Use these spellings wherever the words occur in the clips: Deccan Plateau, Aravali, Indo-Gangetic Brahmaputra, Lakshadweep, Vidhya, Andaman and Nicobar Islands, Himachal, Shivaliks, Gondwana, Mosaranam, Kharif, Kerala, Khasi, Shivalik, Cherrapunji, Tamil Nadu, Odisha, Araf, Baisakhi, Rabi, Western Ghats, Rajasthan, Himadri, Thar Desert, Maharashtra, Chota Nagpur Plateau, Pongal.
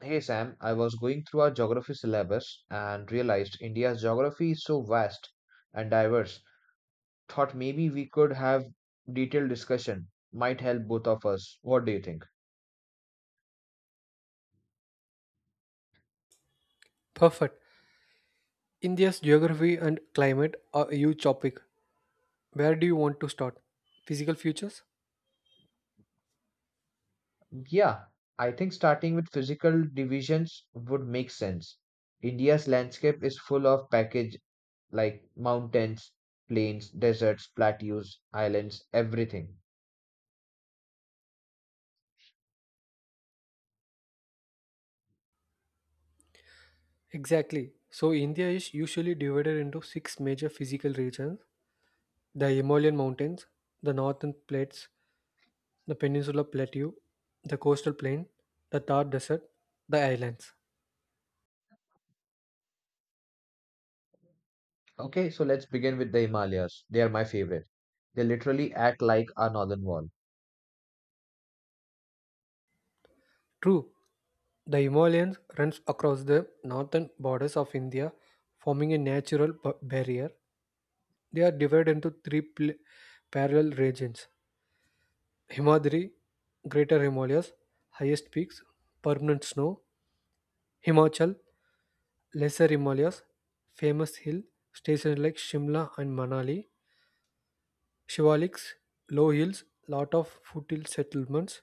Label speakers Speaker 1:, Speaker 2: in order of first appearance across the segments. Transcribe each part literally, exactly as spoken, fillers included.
Speaker 1: Hey Sam, I was going through our geography syllabus and realized India's geography is so vast and diverse. Thought maybe we could have detailed discussion. Might help both of us. What do you think?
Speaker 2: Perfect. India's geography and climate are a huge topic. Where do you want to start? Physical features?
Speaker 1: Yeah, I think starting with physical divisions would make sense. India's landscape is full of package like mountains, plains, deserts, plateaus, islands, everything.
Speaker 2: Exactly. So, India is usually divided into six major physical regions: the Himalayan mountains, the northern plates, the peninsular plateau, the coastal plain, the Thar desert, the islands.
Speaker 1: Okay, so let's begin with the Himalayas. They are my favorite. They literally act like our northern wall.
Speaker 2: True, the Himalayas runs across the northern borders of India, forming a natural b- barrier. They are divided into three pl- parallel regions: Himadri, Greater Himalayas, highest peaks, permanent snow, Himachal, lesser Himalayas, famous hill stations like Shimla and Manali, Shivaliks, low hills, lot of foothill settlements.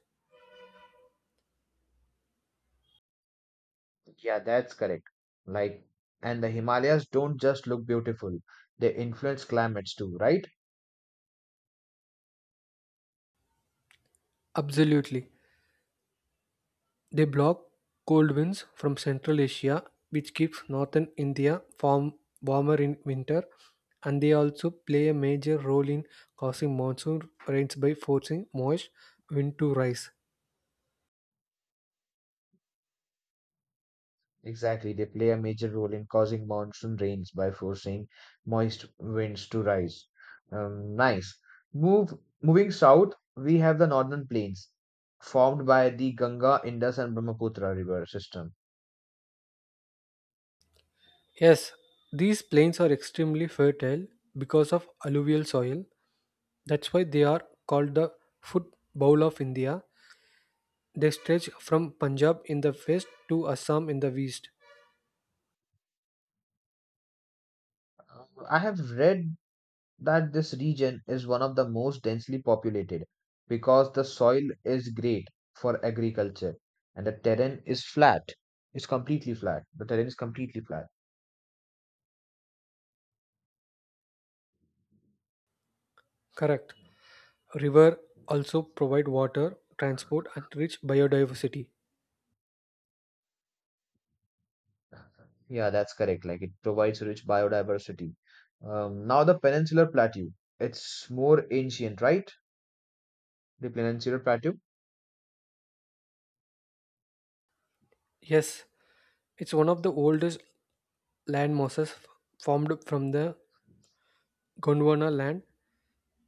Speaker 1: Yeah, that's correct. Like, and the Himalayas don't just look beautiful, they influence climates too, right?
Speaker 2: Absolutely. They block cold winds from Central Asia, which keeps northern India warm, warmer in winter, and they also play a major role in causing monsoon rains by forcing moist wind to rise.
Speaker 1: Exactly. They play a major role in causing monsoon rains by forcing moist winds to rise. Um, nice. Move, moving south, we have the northern plains, formed by the Ganga, Indus, and Brahmaputra river system.
Speaker 2: Yes, these plains are extremely fertile because of alluvial soil. That's why they are called the foot bowl of India. They stretch from Punjab in the west to Assam in the east.
Speaker 1: Uh, I have read that this region is one of the most densely populated because the soil is great for agriculture and the terrain is flat. It's completely flat. The terrain is completely flat.
Speaker 2: Correct. River also provide water, transport and rich biodiversity.
Speaker 1: Yeah, that's correct. Like it provides rich biodiversity. Um, now the Peninsular Plateau. It's more ancient, right? The Peninsular Plateau.
Speaker 2: Yes, it's one of the oldest land masses f- formed from the Gondwana land.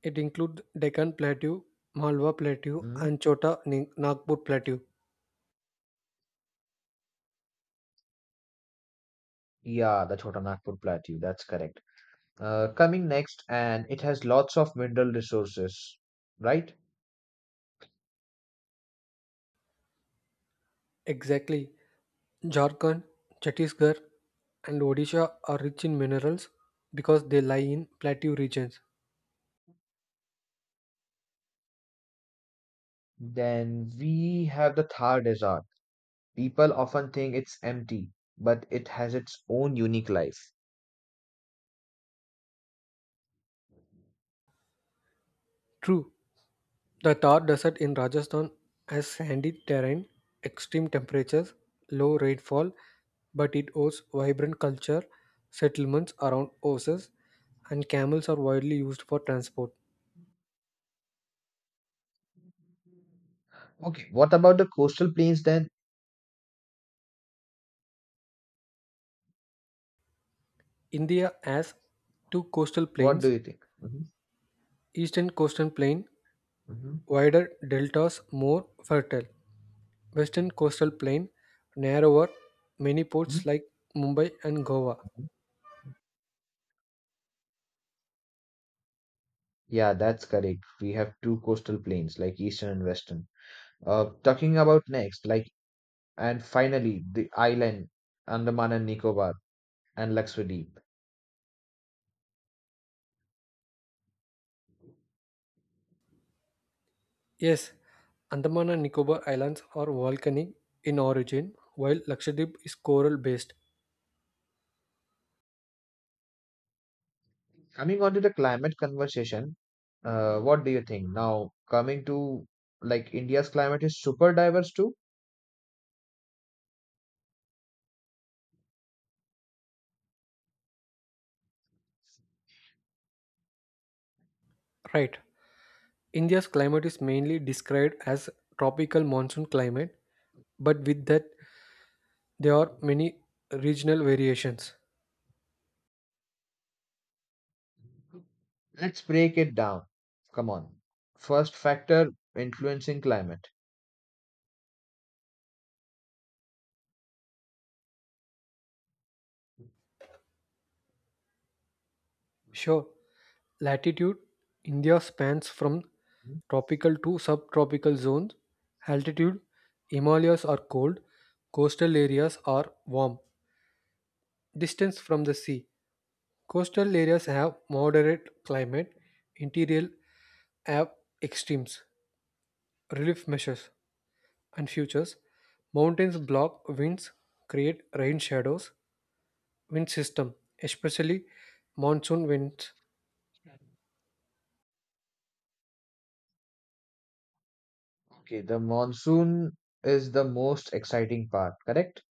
Speaker 2: It includes Deccan Plateau, Malwa Plateau
Speaker 1: hmm
Speaker 2: and Chota Nag- Nagpur Plateau.
Speaker 1: Yeah, the Chotanagpur Plateau. That's correct. Uh, coming next, and it has lots of mineral resources, right?
Speaker 2: Exactly. Jharkhand, Chhattisgarh, and Odisha are rich in minerals because they lie in plateau regions.
Speaker 1: Then we have the Thar Desert. People often think it's empty, but it has its own unique life.
Speaker 2: True, the Thar Desert in Rajasthan has sandy terrain, extreme temperatures, low rainfall, but it hosts vibrant culture. Settlements around horses and camels are widely used for transport.
Speaker 1: Okay, what about the coastal plains then?
Speaker 2: India has two coastal
Speaker 1: What do
Speaker 2: plains:
Speaker 1: you think? Hmm.
Speaker 2: eastern coastal plain,
Speaker 1: Hmm.
Speaker 2: wider deltas, more fertile. Western coastal plain, narrower, many
Speaker 1: Hmm.
Speaker 2: ports like Mumbai and Goa.
Speaker 1: Yeah, that's correct. We have two coastal plains, like eastern and western. Uh, talking about next, like, and finally, the island, Andaman and Nicobar, and Lakshadweep.
Speaker 2: Yes, Andaman and Nicobar Islands are volcanic in origin, while Lakshadweep is coral based.
Speaker 1: Coming on to the climate conversation, uh, what do you think? Now, coming to like India's climate is super diverse too.
Speaker 2: Right. India's climate is mainly described as tropical monsoon climate, but with that, there are many regional variations.
Speaker 1: Let's break it down. Come on. First factor influencing climate.
Speaker 2: Sure. Latitude: India spans from tropical to subtropical zones. Altitude: Himalayas are cold, coastal areas are warm. Distance from the sea: coastal areas have moderate climate, interior have extremes. Relief measures and futures: mountains block winds, create rain shadows. Wind system, especially monsoon winds,
Speaker 1: Hmm? Okay, the monsoon is the most exciting part, correct?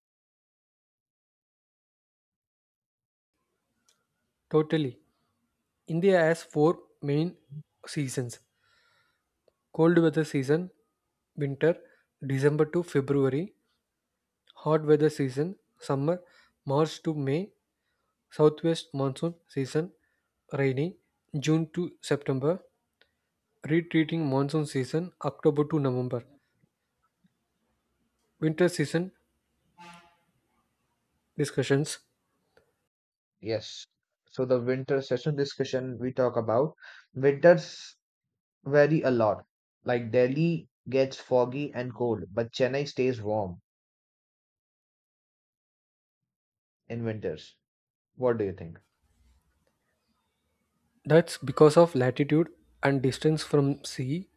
Speaker 2: totally. India has four main seasons: cold weather season winter December to February, hot weather season summer March to May, southwest monsoon season rainy June to September, retreating monsoon season October to November. Winter season discussions:
Speaker 1: Yes. So the winter session discussion we talk about winters vary a lot. Like Delhi gets foggy and cold, but Chennai stays warm in winters. What do you think?
Speaker 2: that's because of latitude and distance from sea,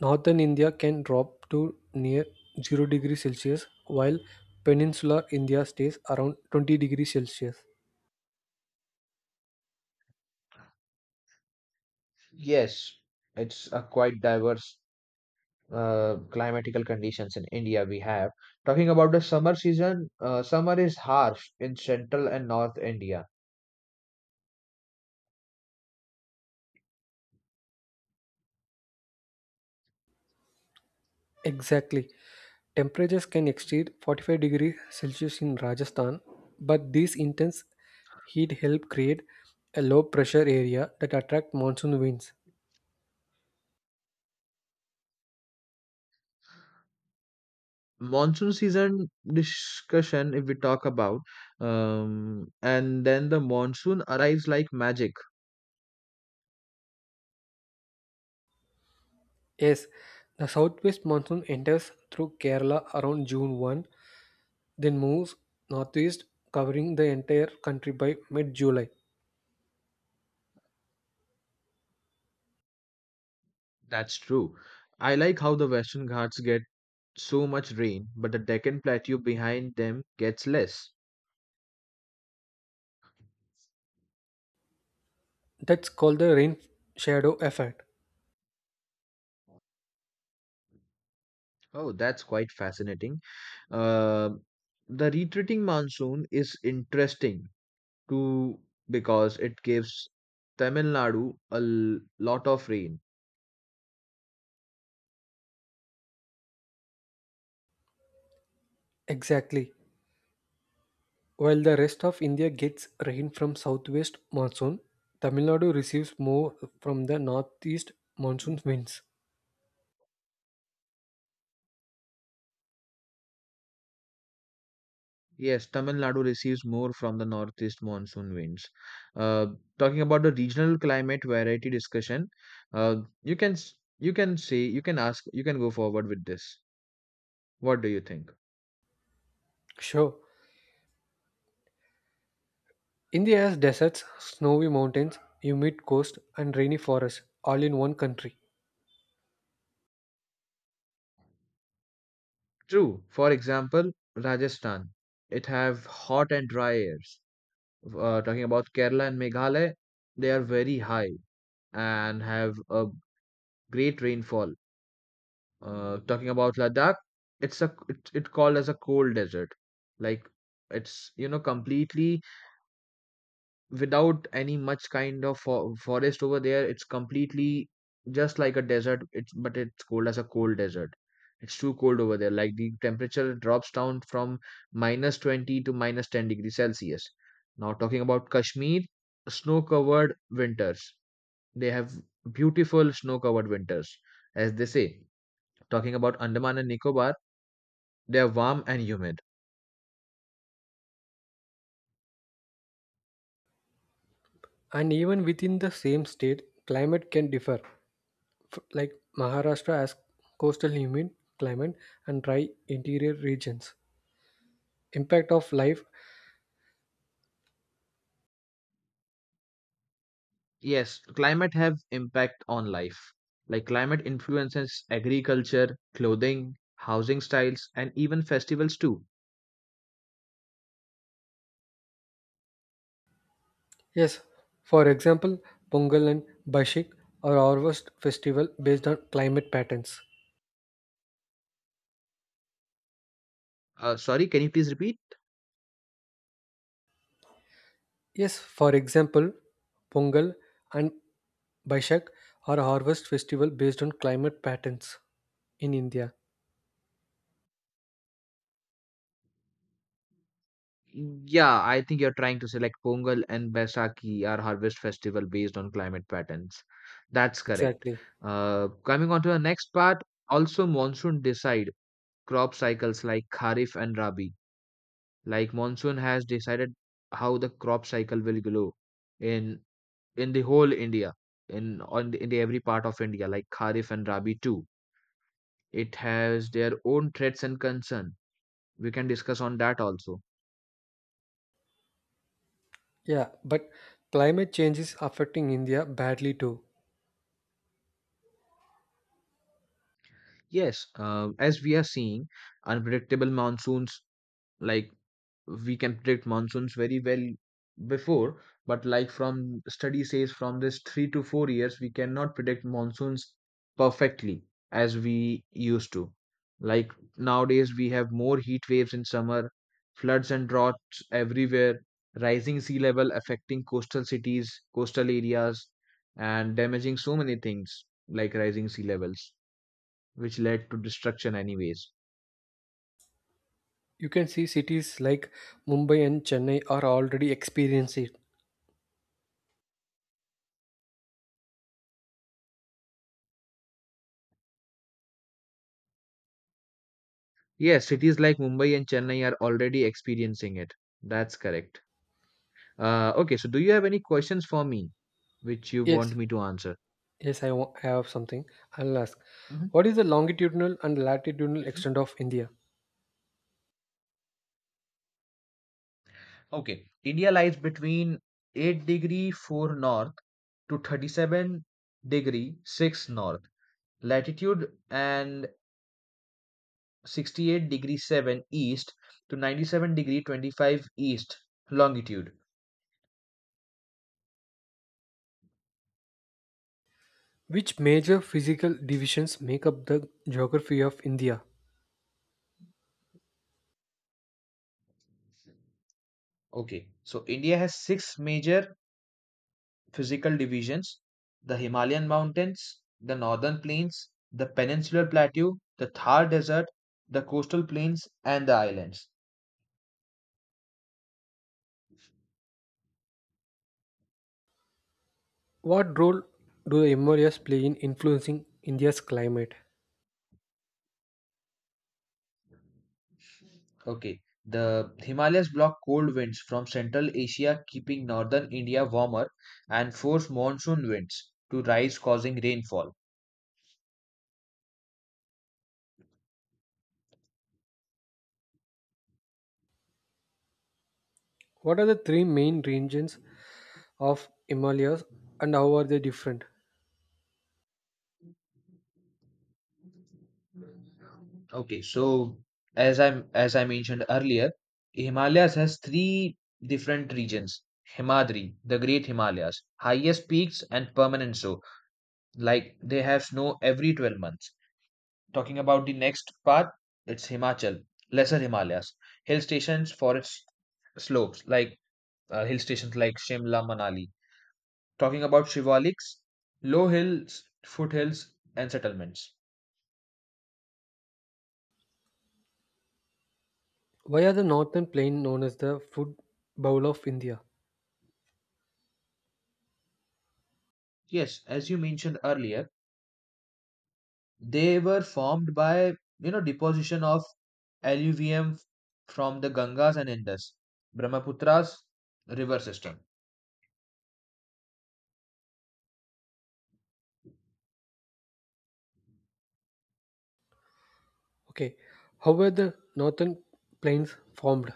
Speaker 2: northern India can drop to near zero degree Celsius while peninsular India stays around twenty degrees Celsius.
Speaker 1: Yes, it's a quite diverse uh, climatical conditions in India we have. Talking about the summer season, uh, summer is harsh in central and north India.
Speaker 2: Exactly. Temperatures can exceed forty-five degrees Celsius in Rajasthan, but this intense heat help create a low pressure area that attracts monsoon winds.
Speaker 1: Monsoon season discussion, if we talk about, um, and then the monsoon arrives like magic.
Speaker 2: Yes, the southwest monsoon enters through Kerala around June one, then moves northeast, covering the entire country by mid July.
Speaker 1: That's true. I like how the Western Ghats get so much rain, but the Deccan Plateau behind them gets less.
Speaker 2: That's called the rain shadow effect.
Speaker 1: Oh, that's quite fascinating. Uh, the retreating monsoon is interesting to because it gives Tamil Nadu a l- lot of rain.
Speaker 2: Exactly. While the rest of India gets rain from southwest monsoon, Tamil Nadu receives more from the northeast monsoon
Speaker 1: Mhm.
Speaker 2: winds.
Speaker 1: Yes, Tamil Nadu receives more from the northeast monsoon winds. Uh, Talking about the regional climate variety discussion, uh, you can s- you can say you can ask you can go forward with this. What do you think?
Speaker 2: Sure, India has deserts, snowy mountains, humid coast, and rainy forests all in one country.
Speaker 1: True. For example, Rajasthan, it have hot and dry airs. Uh, talking about Kerala and Meghalaya, they are very high and have a great rainfall. Uh, talking about Ladakh, it's a it, it called as a cold desert. Like it's you know completely without any much kind of fo- forest over there. It's completely just like a desert. It's but it's cold as a cold desert. It's too cold over there. Like the temperature drops down from minus twenty to minus ten degrees Celsius. Now talking about Kashmir, snow-covered winters. They have beautiful snow-covered winters, as they say. Talking about Andaman and Nicobar, they're warm and humid.
Speaker 2: And even within the same state, climate can differ. F- Like Maharashtra has coastal humid climate and dry interior regions. Impact of life:
Speaker 1: Yes, climate have impact on life. Like climate influences agriculture, clothing, housing styles, and even festivals too.
Speaker 2: yes, for example, Pongal and Bashik are harvest festival based on climate patterns.
Speaker 1: Uh, sorry, can you please repeat?
Speaker 2: Yes, for example, Pongal and Baishak are harvest festival based on climate patterns in India.
Speaker 1: Yeah, I think you're trying to say like Pongal and Baisakhi are harvest festival based on climate patterns. That's correct.
Speaker 2: Exactly.
Speaker 1: Uh, coming on to the next part, also monsoon decide crop cycles like Kharif and Rabi. Like monsoon has decided how the crop cycle will grow in in the whole India, in on the, in the every part of India, like Kharif and Rabi too. It has their own threats and concern. We can discuss on that also.
Speaker 2: Yeah, but climate change is affecting India badly too.
Speaker 1: Yes, uh, as we are seeing, unpredictable monsoons. Like, we can predict monsoons very well before, but like from study says from this three to four years we cannot predict monsoons perfectly as we used to. Like nowadays we have more heat waves in summer, floods and droughts everywhere, rising sea level affecting coastal cities, coastal areas, and damaging so many things like rising sea levels, which led to destruction anyways.
Speaker 2: You can see cities like Mumbai and Chennai are already experiencing it.
Speaker 1: Yes, cities like Mumbai and Chennai are already experiencing it. That's correct. Uh, okay, so do you have any questions for me which you want
Speaker 2: Yes,
Speaker 1: me to answer?
Speaker 2: yes, I wa- I have something. I'll ask.
Speaker 1: Mhm,
Speaker 2: What is the longitudinal and latitudinal extent
Speaker 1: mhm.
Speaker 2: of India?
Speaker 1: Okay, India lies between eight degree four north to thirty-seven degree six north latitude and sixty-eight degree seven east to ninety-seven degree twenty-five east longitude.
Speaker 2: Which major physical divisions make up the geography of India?
Speaker 1: Okay, so India has six major physical divisions: the Himalayan mountains, the northern plains, the peninsular plateau, the Thar desert, the coastal plains, and the islands.
Speaker 2: What role do the Himalayas play in influencing India's climate?
Speaker 1: Okay, the Himalayas block cold winds from Central Asia, keeping northern India warmer, and force monsoon winds to rise, causing rainfall.
Speaker 2: What are the three main regions of Himalayas and how are they different?
Speaker 1: Okay, so as I as I mentioned earlier, Himalayas has three different regions. Himadri, the Great Himalayas, highest peaks and permanent so. Like they have snow every twelve months. Talking about the next part, it's Himachal, Lesser Himalayas, hill stations, forest slopes, like uh, hill stations like Shimla, Manali. Talking about Shivaliks, low hills, foothills, and settlements.
Speaker 2: Why are the northern plain known as the food bowl of India?
Speaker 1: Yes, as you mentioned earlier, they were formed by, you know, deposition of alluvium from the Gangas and Indus, Brahmaputra's river system.
Speaker 2: Okay, how were the northern plains formed?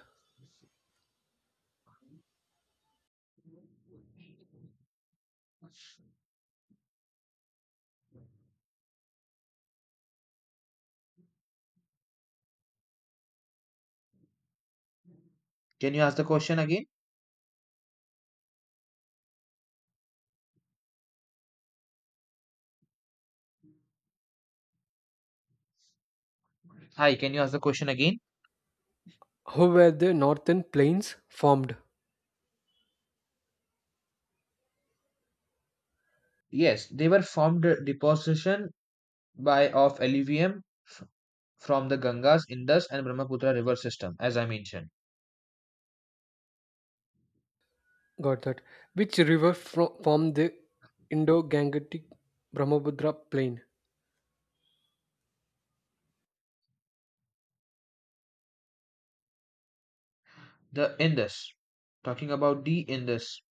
Speaker 1: Can you ask the question again? Hi, can you ask the question again?
Speaker 2: How were the northern plains formed?
Speaker 1: Yes, they were formed uh, deposition by of alluvium f- from the Gangas, Indus, and Brahmaputra river system, as I mentioned.
Speaker 2: Got that. Which river fro- formed the Indo-Gangetic Brahmaputra plain?
Speaker 1: The Indus, talking about the Indus,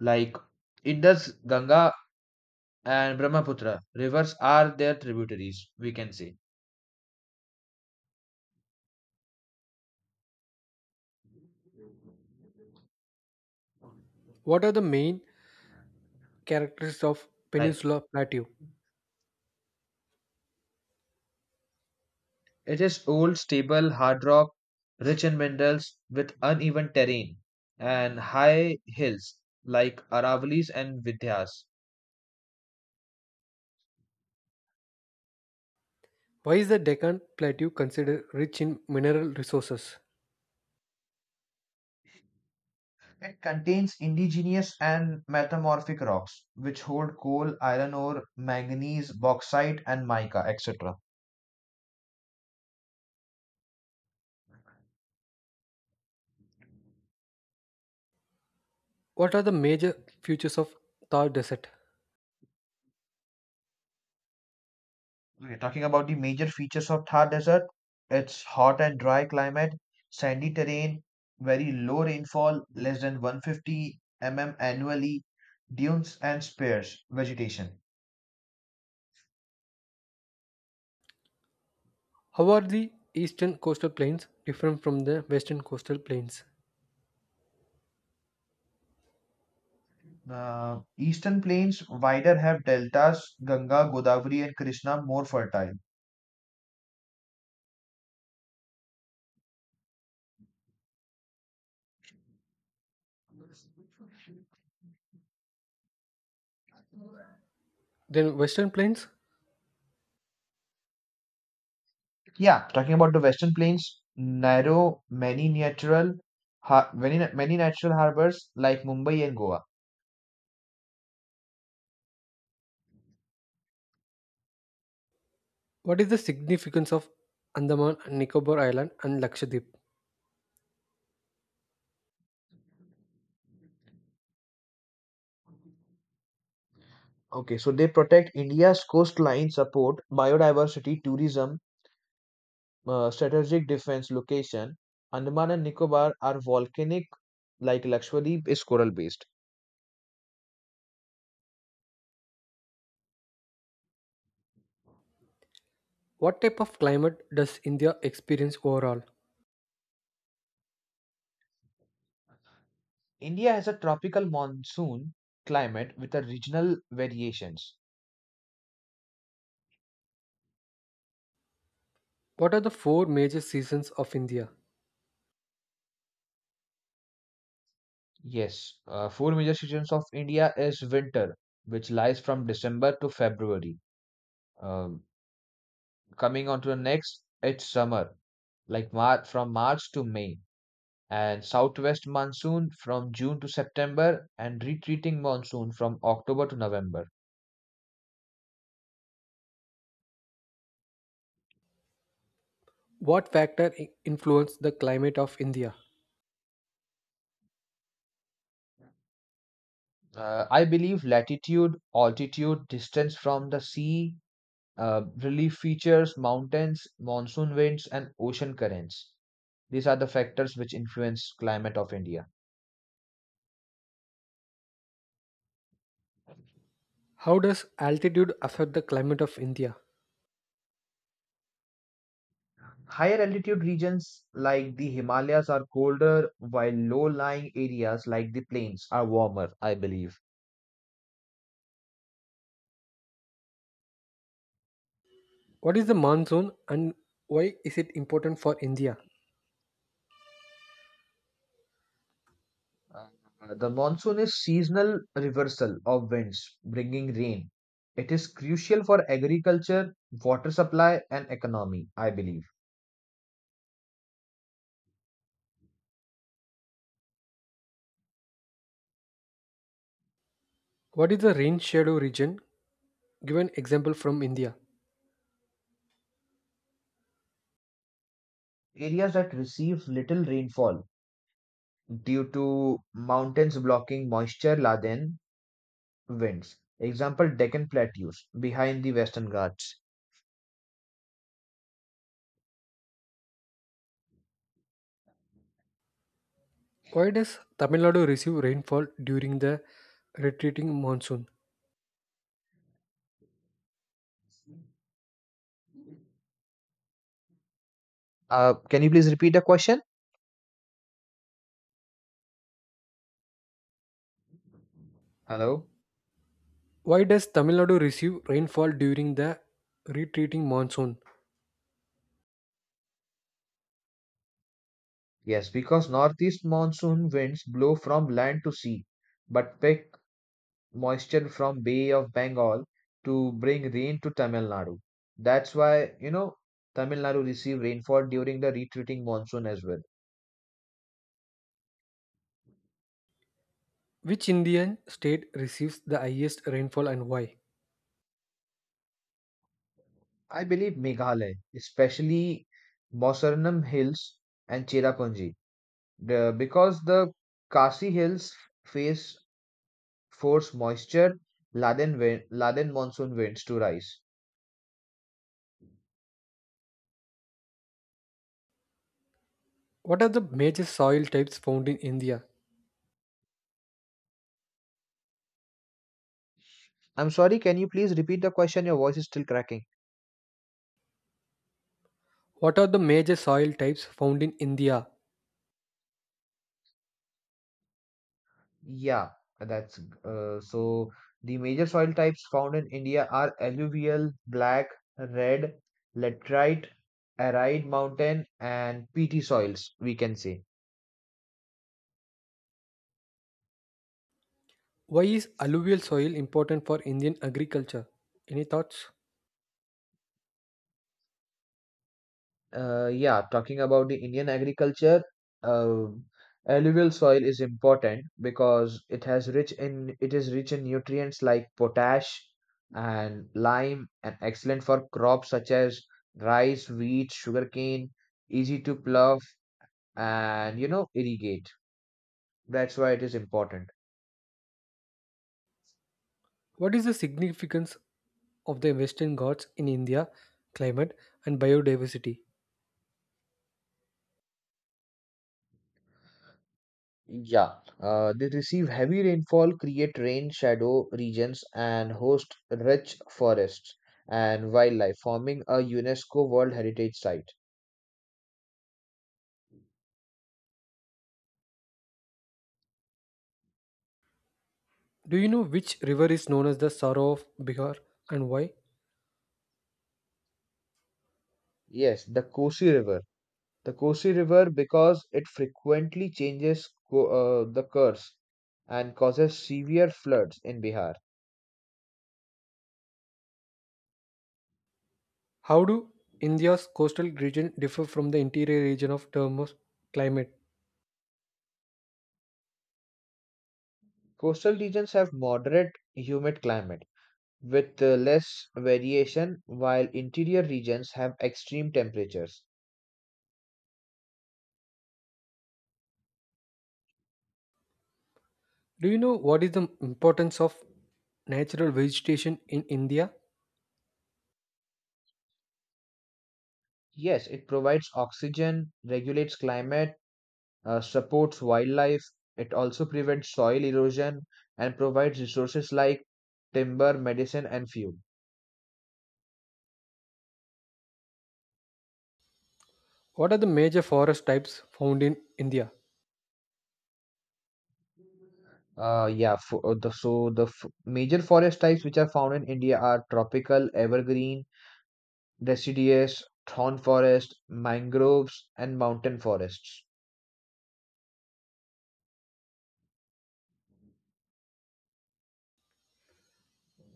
Speaker 1: like Indus, Ganga, and Brahmaputra rivers are their tributaries. We can say
Speaker 2: What are the main characteristics of
Speaker 1: right.
Speaker 2: Peninsula Plateau.
Speaker 1: It is old, stable, hard rock, rich in minerals, with uneven terrain and high hills like Aravalis and Vidhyas.
Speaker 2: Why is the Deccan Plateau considered rich in mineral resources?
Speaker 1: It contains indigenous and metamorphic rocks, which hold coal, iron ore, manganese, bauxite, and mica, et cetera.
Speaker 2: What are the major features of Thar Desert?
Speaker 1: Okay, talking about the major features of Thar Desert, it's hot and dry climate, sandy terrain, very low rainfall, less than one hundred fifty millimeters annually, dunes and sparse vegetation.
Speaker 2: How are the eastern coastal plains different from the western coastal plains?
Speaker 1: Uh, eastern plains wider have deltas, Ganga, Godavari, and Krishna more fertile.
Speaker 2: Then western plains,
Speaker 1: Yeah, talking about the Western Plains, narrow, many natural, har- many many natural harbors like Mumbai and Goa.
Speaker 2: what is the significance of Andaman and Nicobar Island and Lakshadweep?
Speaker 1: Okay, so they protect India's coastline, support biodiversity, tourism, uh, strategic defense location. Andaman and Nicobar are volcanic, like Lakshadweep is coral based.
Speaker 2: What type of climate does India experience overall?
Speaker 1: India has a tropical monsoon climate with a regional variations.
Speaker 2: What are the four major seasons of India?
Speaker 1: Yes, uh, four major seasons of India is winter, which lies from December to February. Um Coming on to the next, it's summer, like Mar- from March to May, and southwest monsoon from June to September, and retreating monsoon from October to November.
Speaker 2: What factor i- influence the climate of India?
Speaker 1: Uh, I believe latitude, altitude, distance from the sea, uh, relief features, mountains, monsoon winds, and ocean currents. These are the factors which influence climate of India.
Speaker 2: How does altitude affect the climate of India?
Speaker 1: Higher altitude regions like the Himalayas are colder, while low-lying areas like the plains are warmer, I believe.
Speaker 2: What is the monsoon and why is it important for India?
Speaker 1: Uh, the monsoon is seasonal reversal of winds, bringing rain. It is crucial for agriculture, water supply, and economy, I believe.
Speaker 2: What is the rain shadow region? Give an example from India.
Speaker 1: Areas that receive little rainfall due to mountains blocking moisture laden winds. Example, Deccan Plateaus behind the Western Ghats.
Speaker 2: Why does Tamil Nadu receive rainfall during the retreating monsoon?
Speaker 1: Uh, can you please repeat the question? Hello?
Speaker 2: Why does Tamil Nadu receive rainfall during the retreating monsoon?
Speaker 1: Yes, because northeast monsoon winds blow from land to sea, but pick moisture from Bay of Bengal to bring rain to Tamil Nadu. That's why, you know, Tamil Nadu received rainfall during the retreating monsoon as well.
Speaker 2: Which Indian state receives the highest rainfall and why?
Speaker 1: I believe Meghalaya, especially Mosaranam Hills and Cherrapunji, the, because the Khasi Hills face force moisture laden wind, laden monsoon winds to rise.
Speaker 2: What are the major soil types found in India?
Speaker 1: I'm sorry, can you please repeat the question? Your voice is still cracking.
Speaker 2: What are the major soil types found in India?
Speaker 1: Yeah, that's uh, so the major soil types found in India are alluvial, black, red, laterite, arid mountain, and peaty soils, we can say.
Speaker 2: Why is alluvial soil important for Indian agriculture? Any thoughts?
Speaker 1: Uh, yeah, talking about the Indian agriculture, uh, alluvial soil is important because it has rich in it is rich in nutrients like potash and lime and excellent for crops such as rice, wheat, sugarcane, easy to plow and you know irrigate. That's why it is important.
Speaker 2: What is the significance of the Western Ghats in India, climate, and biodiversity?
Speaker 1: Yeah, Uh, they receive heavy rainfall, create rain shadow regions, and host rich forests and wildlife, forming a UNESCO World Heritage Site.
Speaker 2: Do you know which river is known as the Sorrow of Bihar and why?
Speaker 1: Yes, the Kosi River. The Kosi River, because it frequently changes co- uh, the course and causes severe floods in Bihar.
Speaker 2: How do India's coastal region differ from the interior region of term of climate?
Speaker 1: Coastal regions have moderate humid climate with uh, less variation, while interior regions have extreme temperatures.
Speaker 2: Do you know what is the importance of natural vegetation in India?
Speaker 1: Yes, it provides oxygen, regulates climate, uh, supports wildlife, it also prevents soil erosion, and provides resources like timber, medicine, and fuel.
Speaker 2: What are the major forest types found in India?
Speaker 1: Uh, yeah, fo- uh, the, so the f- major forest types which are found in India are tropical, evergreen, deciduous, thorn forest, mangroves, and mountain forests.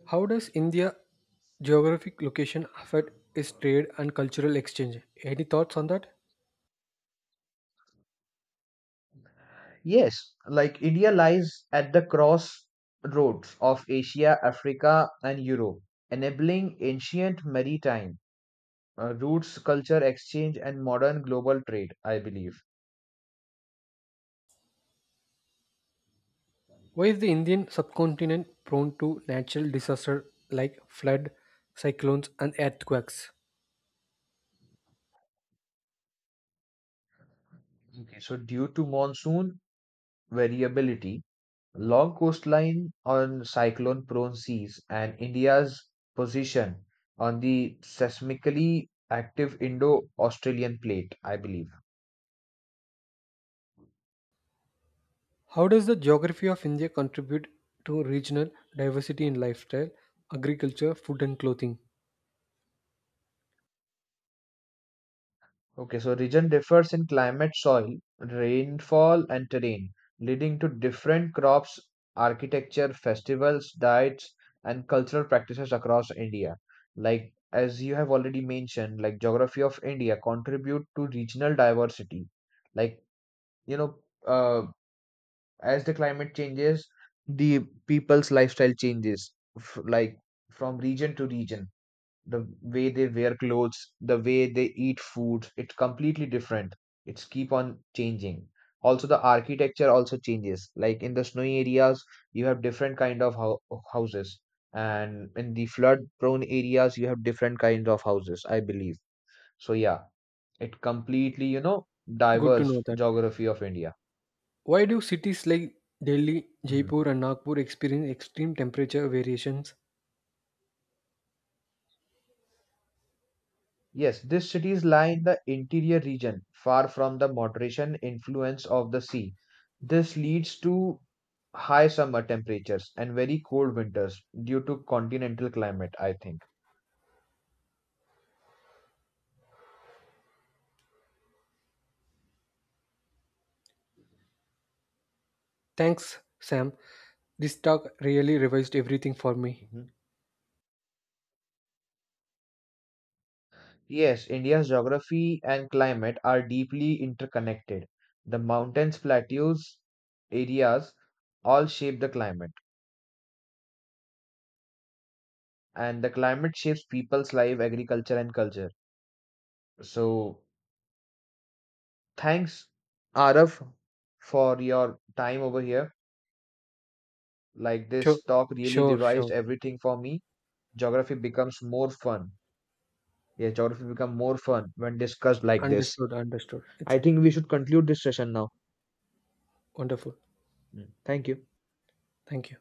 Speaker 2: How does India geographic location affect its trade and cultural exchange? Any thoughts on that?
Speaker 1: Yes, like India lies at the crossroads of Asia, Africa, and Europe, enabling ancient maritime uh, routes, culture exchange, and modern global trade, I believe.
Speaker 2: Why is the Indian subcontinent prone to natural disaster like flood, cyclones and earthquakes?
Speaker 1: Okay, so due to monsoon variability, long coastline on cyclone prone seas, and India's position on the seismically active Indo Australian plate, I believe.
Speaker 2: How does the geography of India contribute to regional diversity in lifestyle, agriculture, food and clothing?
Speaker 1: Okay, so region differs in climate, soil, rainfall, and terrain, leading to different crops, architecture, festivals, diets, and cultural practices across India. Like as you have already mentioned, like geography of India contribute to regional diversity. Like you know, uh, as the climate changes, the people's lifestyle changes, f- like from region to region the way they wear clothes, the way they eat food, it's completely different. It's keep on changing. Also, the architecture also changes. Like in the snowy areas, you have different kind of hou- houses, and in the flood-prone areas, you have different kinds of houses, I believe. So yeah, it completely, you know,
Speaker 2: Good to
Speaker 1: diverse
Speaker 2: know that.
Speaker 1: geography of India.
Speaker 2: Why do cities like Delhi,
Speaker 1: Mhm.
Speaker 2: Jaipur and Nagpur experience extreme temperature variations?
Speaker 1: Yes, these cities lie in the interior region, far from the moderation influence of the sea. This leads to high summer temperatures and very cold winters due to continental climate, I think.
Speaker 2: Thanks, Sam. This talk really revised everything for me.
Speaker 1: Mhm. Yes, India's geography and climate are deeply interconnected. The mountains, plateaus, areas all shape the climate, and the climate shapes people's life, agriculture, and culture. So, thanks, Araf, for your time over here. Like
Speaker 2: Sure,
Speaker 1: this talk really
Speaker 2: sure,
Speaker 1: revised
Speaker 2: sure.
Speaker 1: everything for me. Geography becomes more fun. Yeah, geography become more fun when discussed like this.
Speaker 2: Understood, understood. It's
Speaker 1: I think we should conclude this session now.
Speaker 2: wonderful.
Speaker 1: Mm. Thank you.
Speaker 2: Thank you.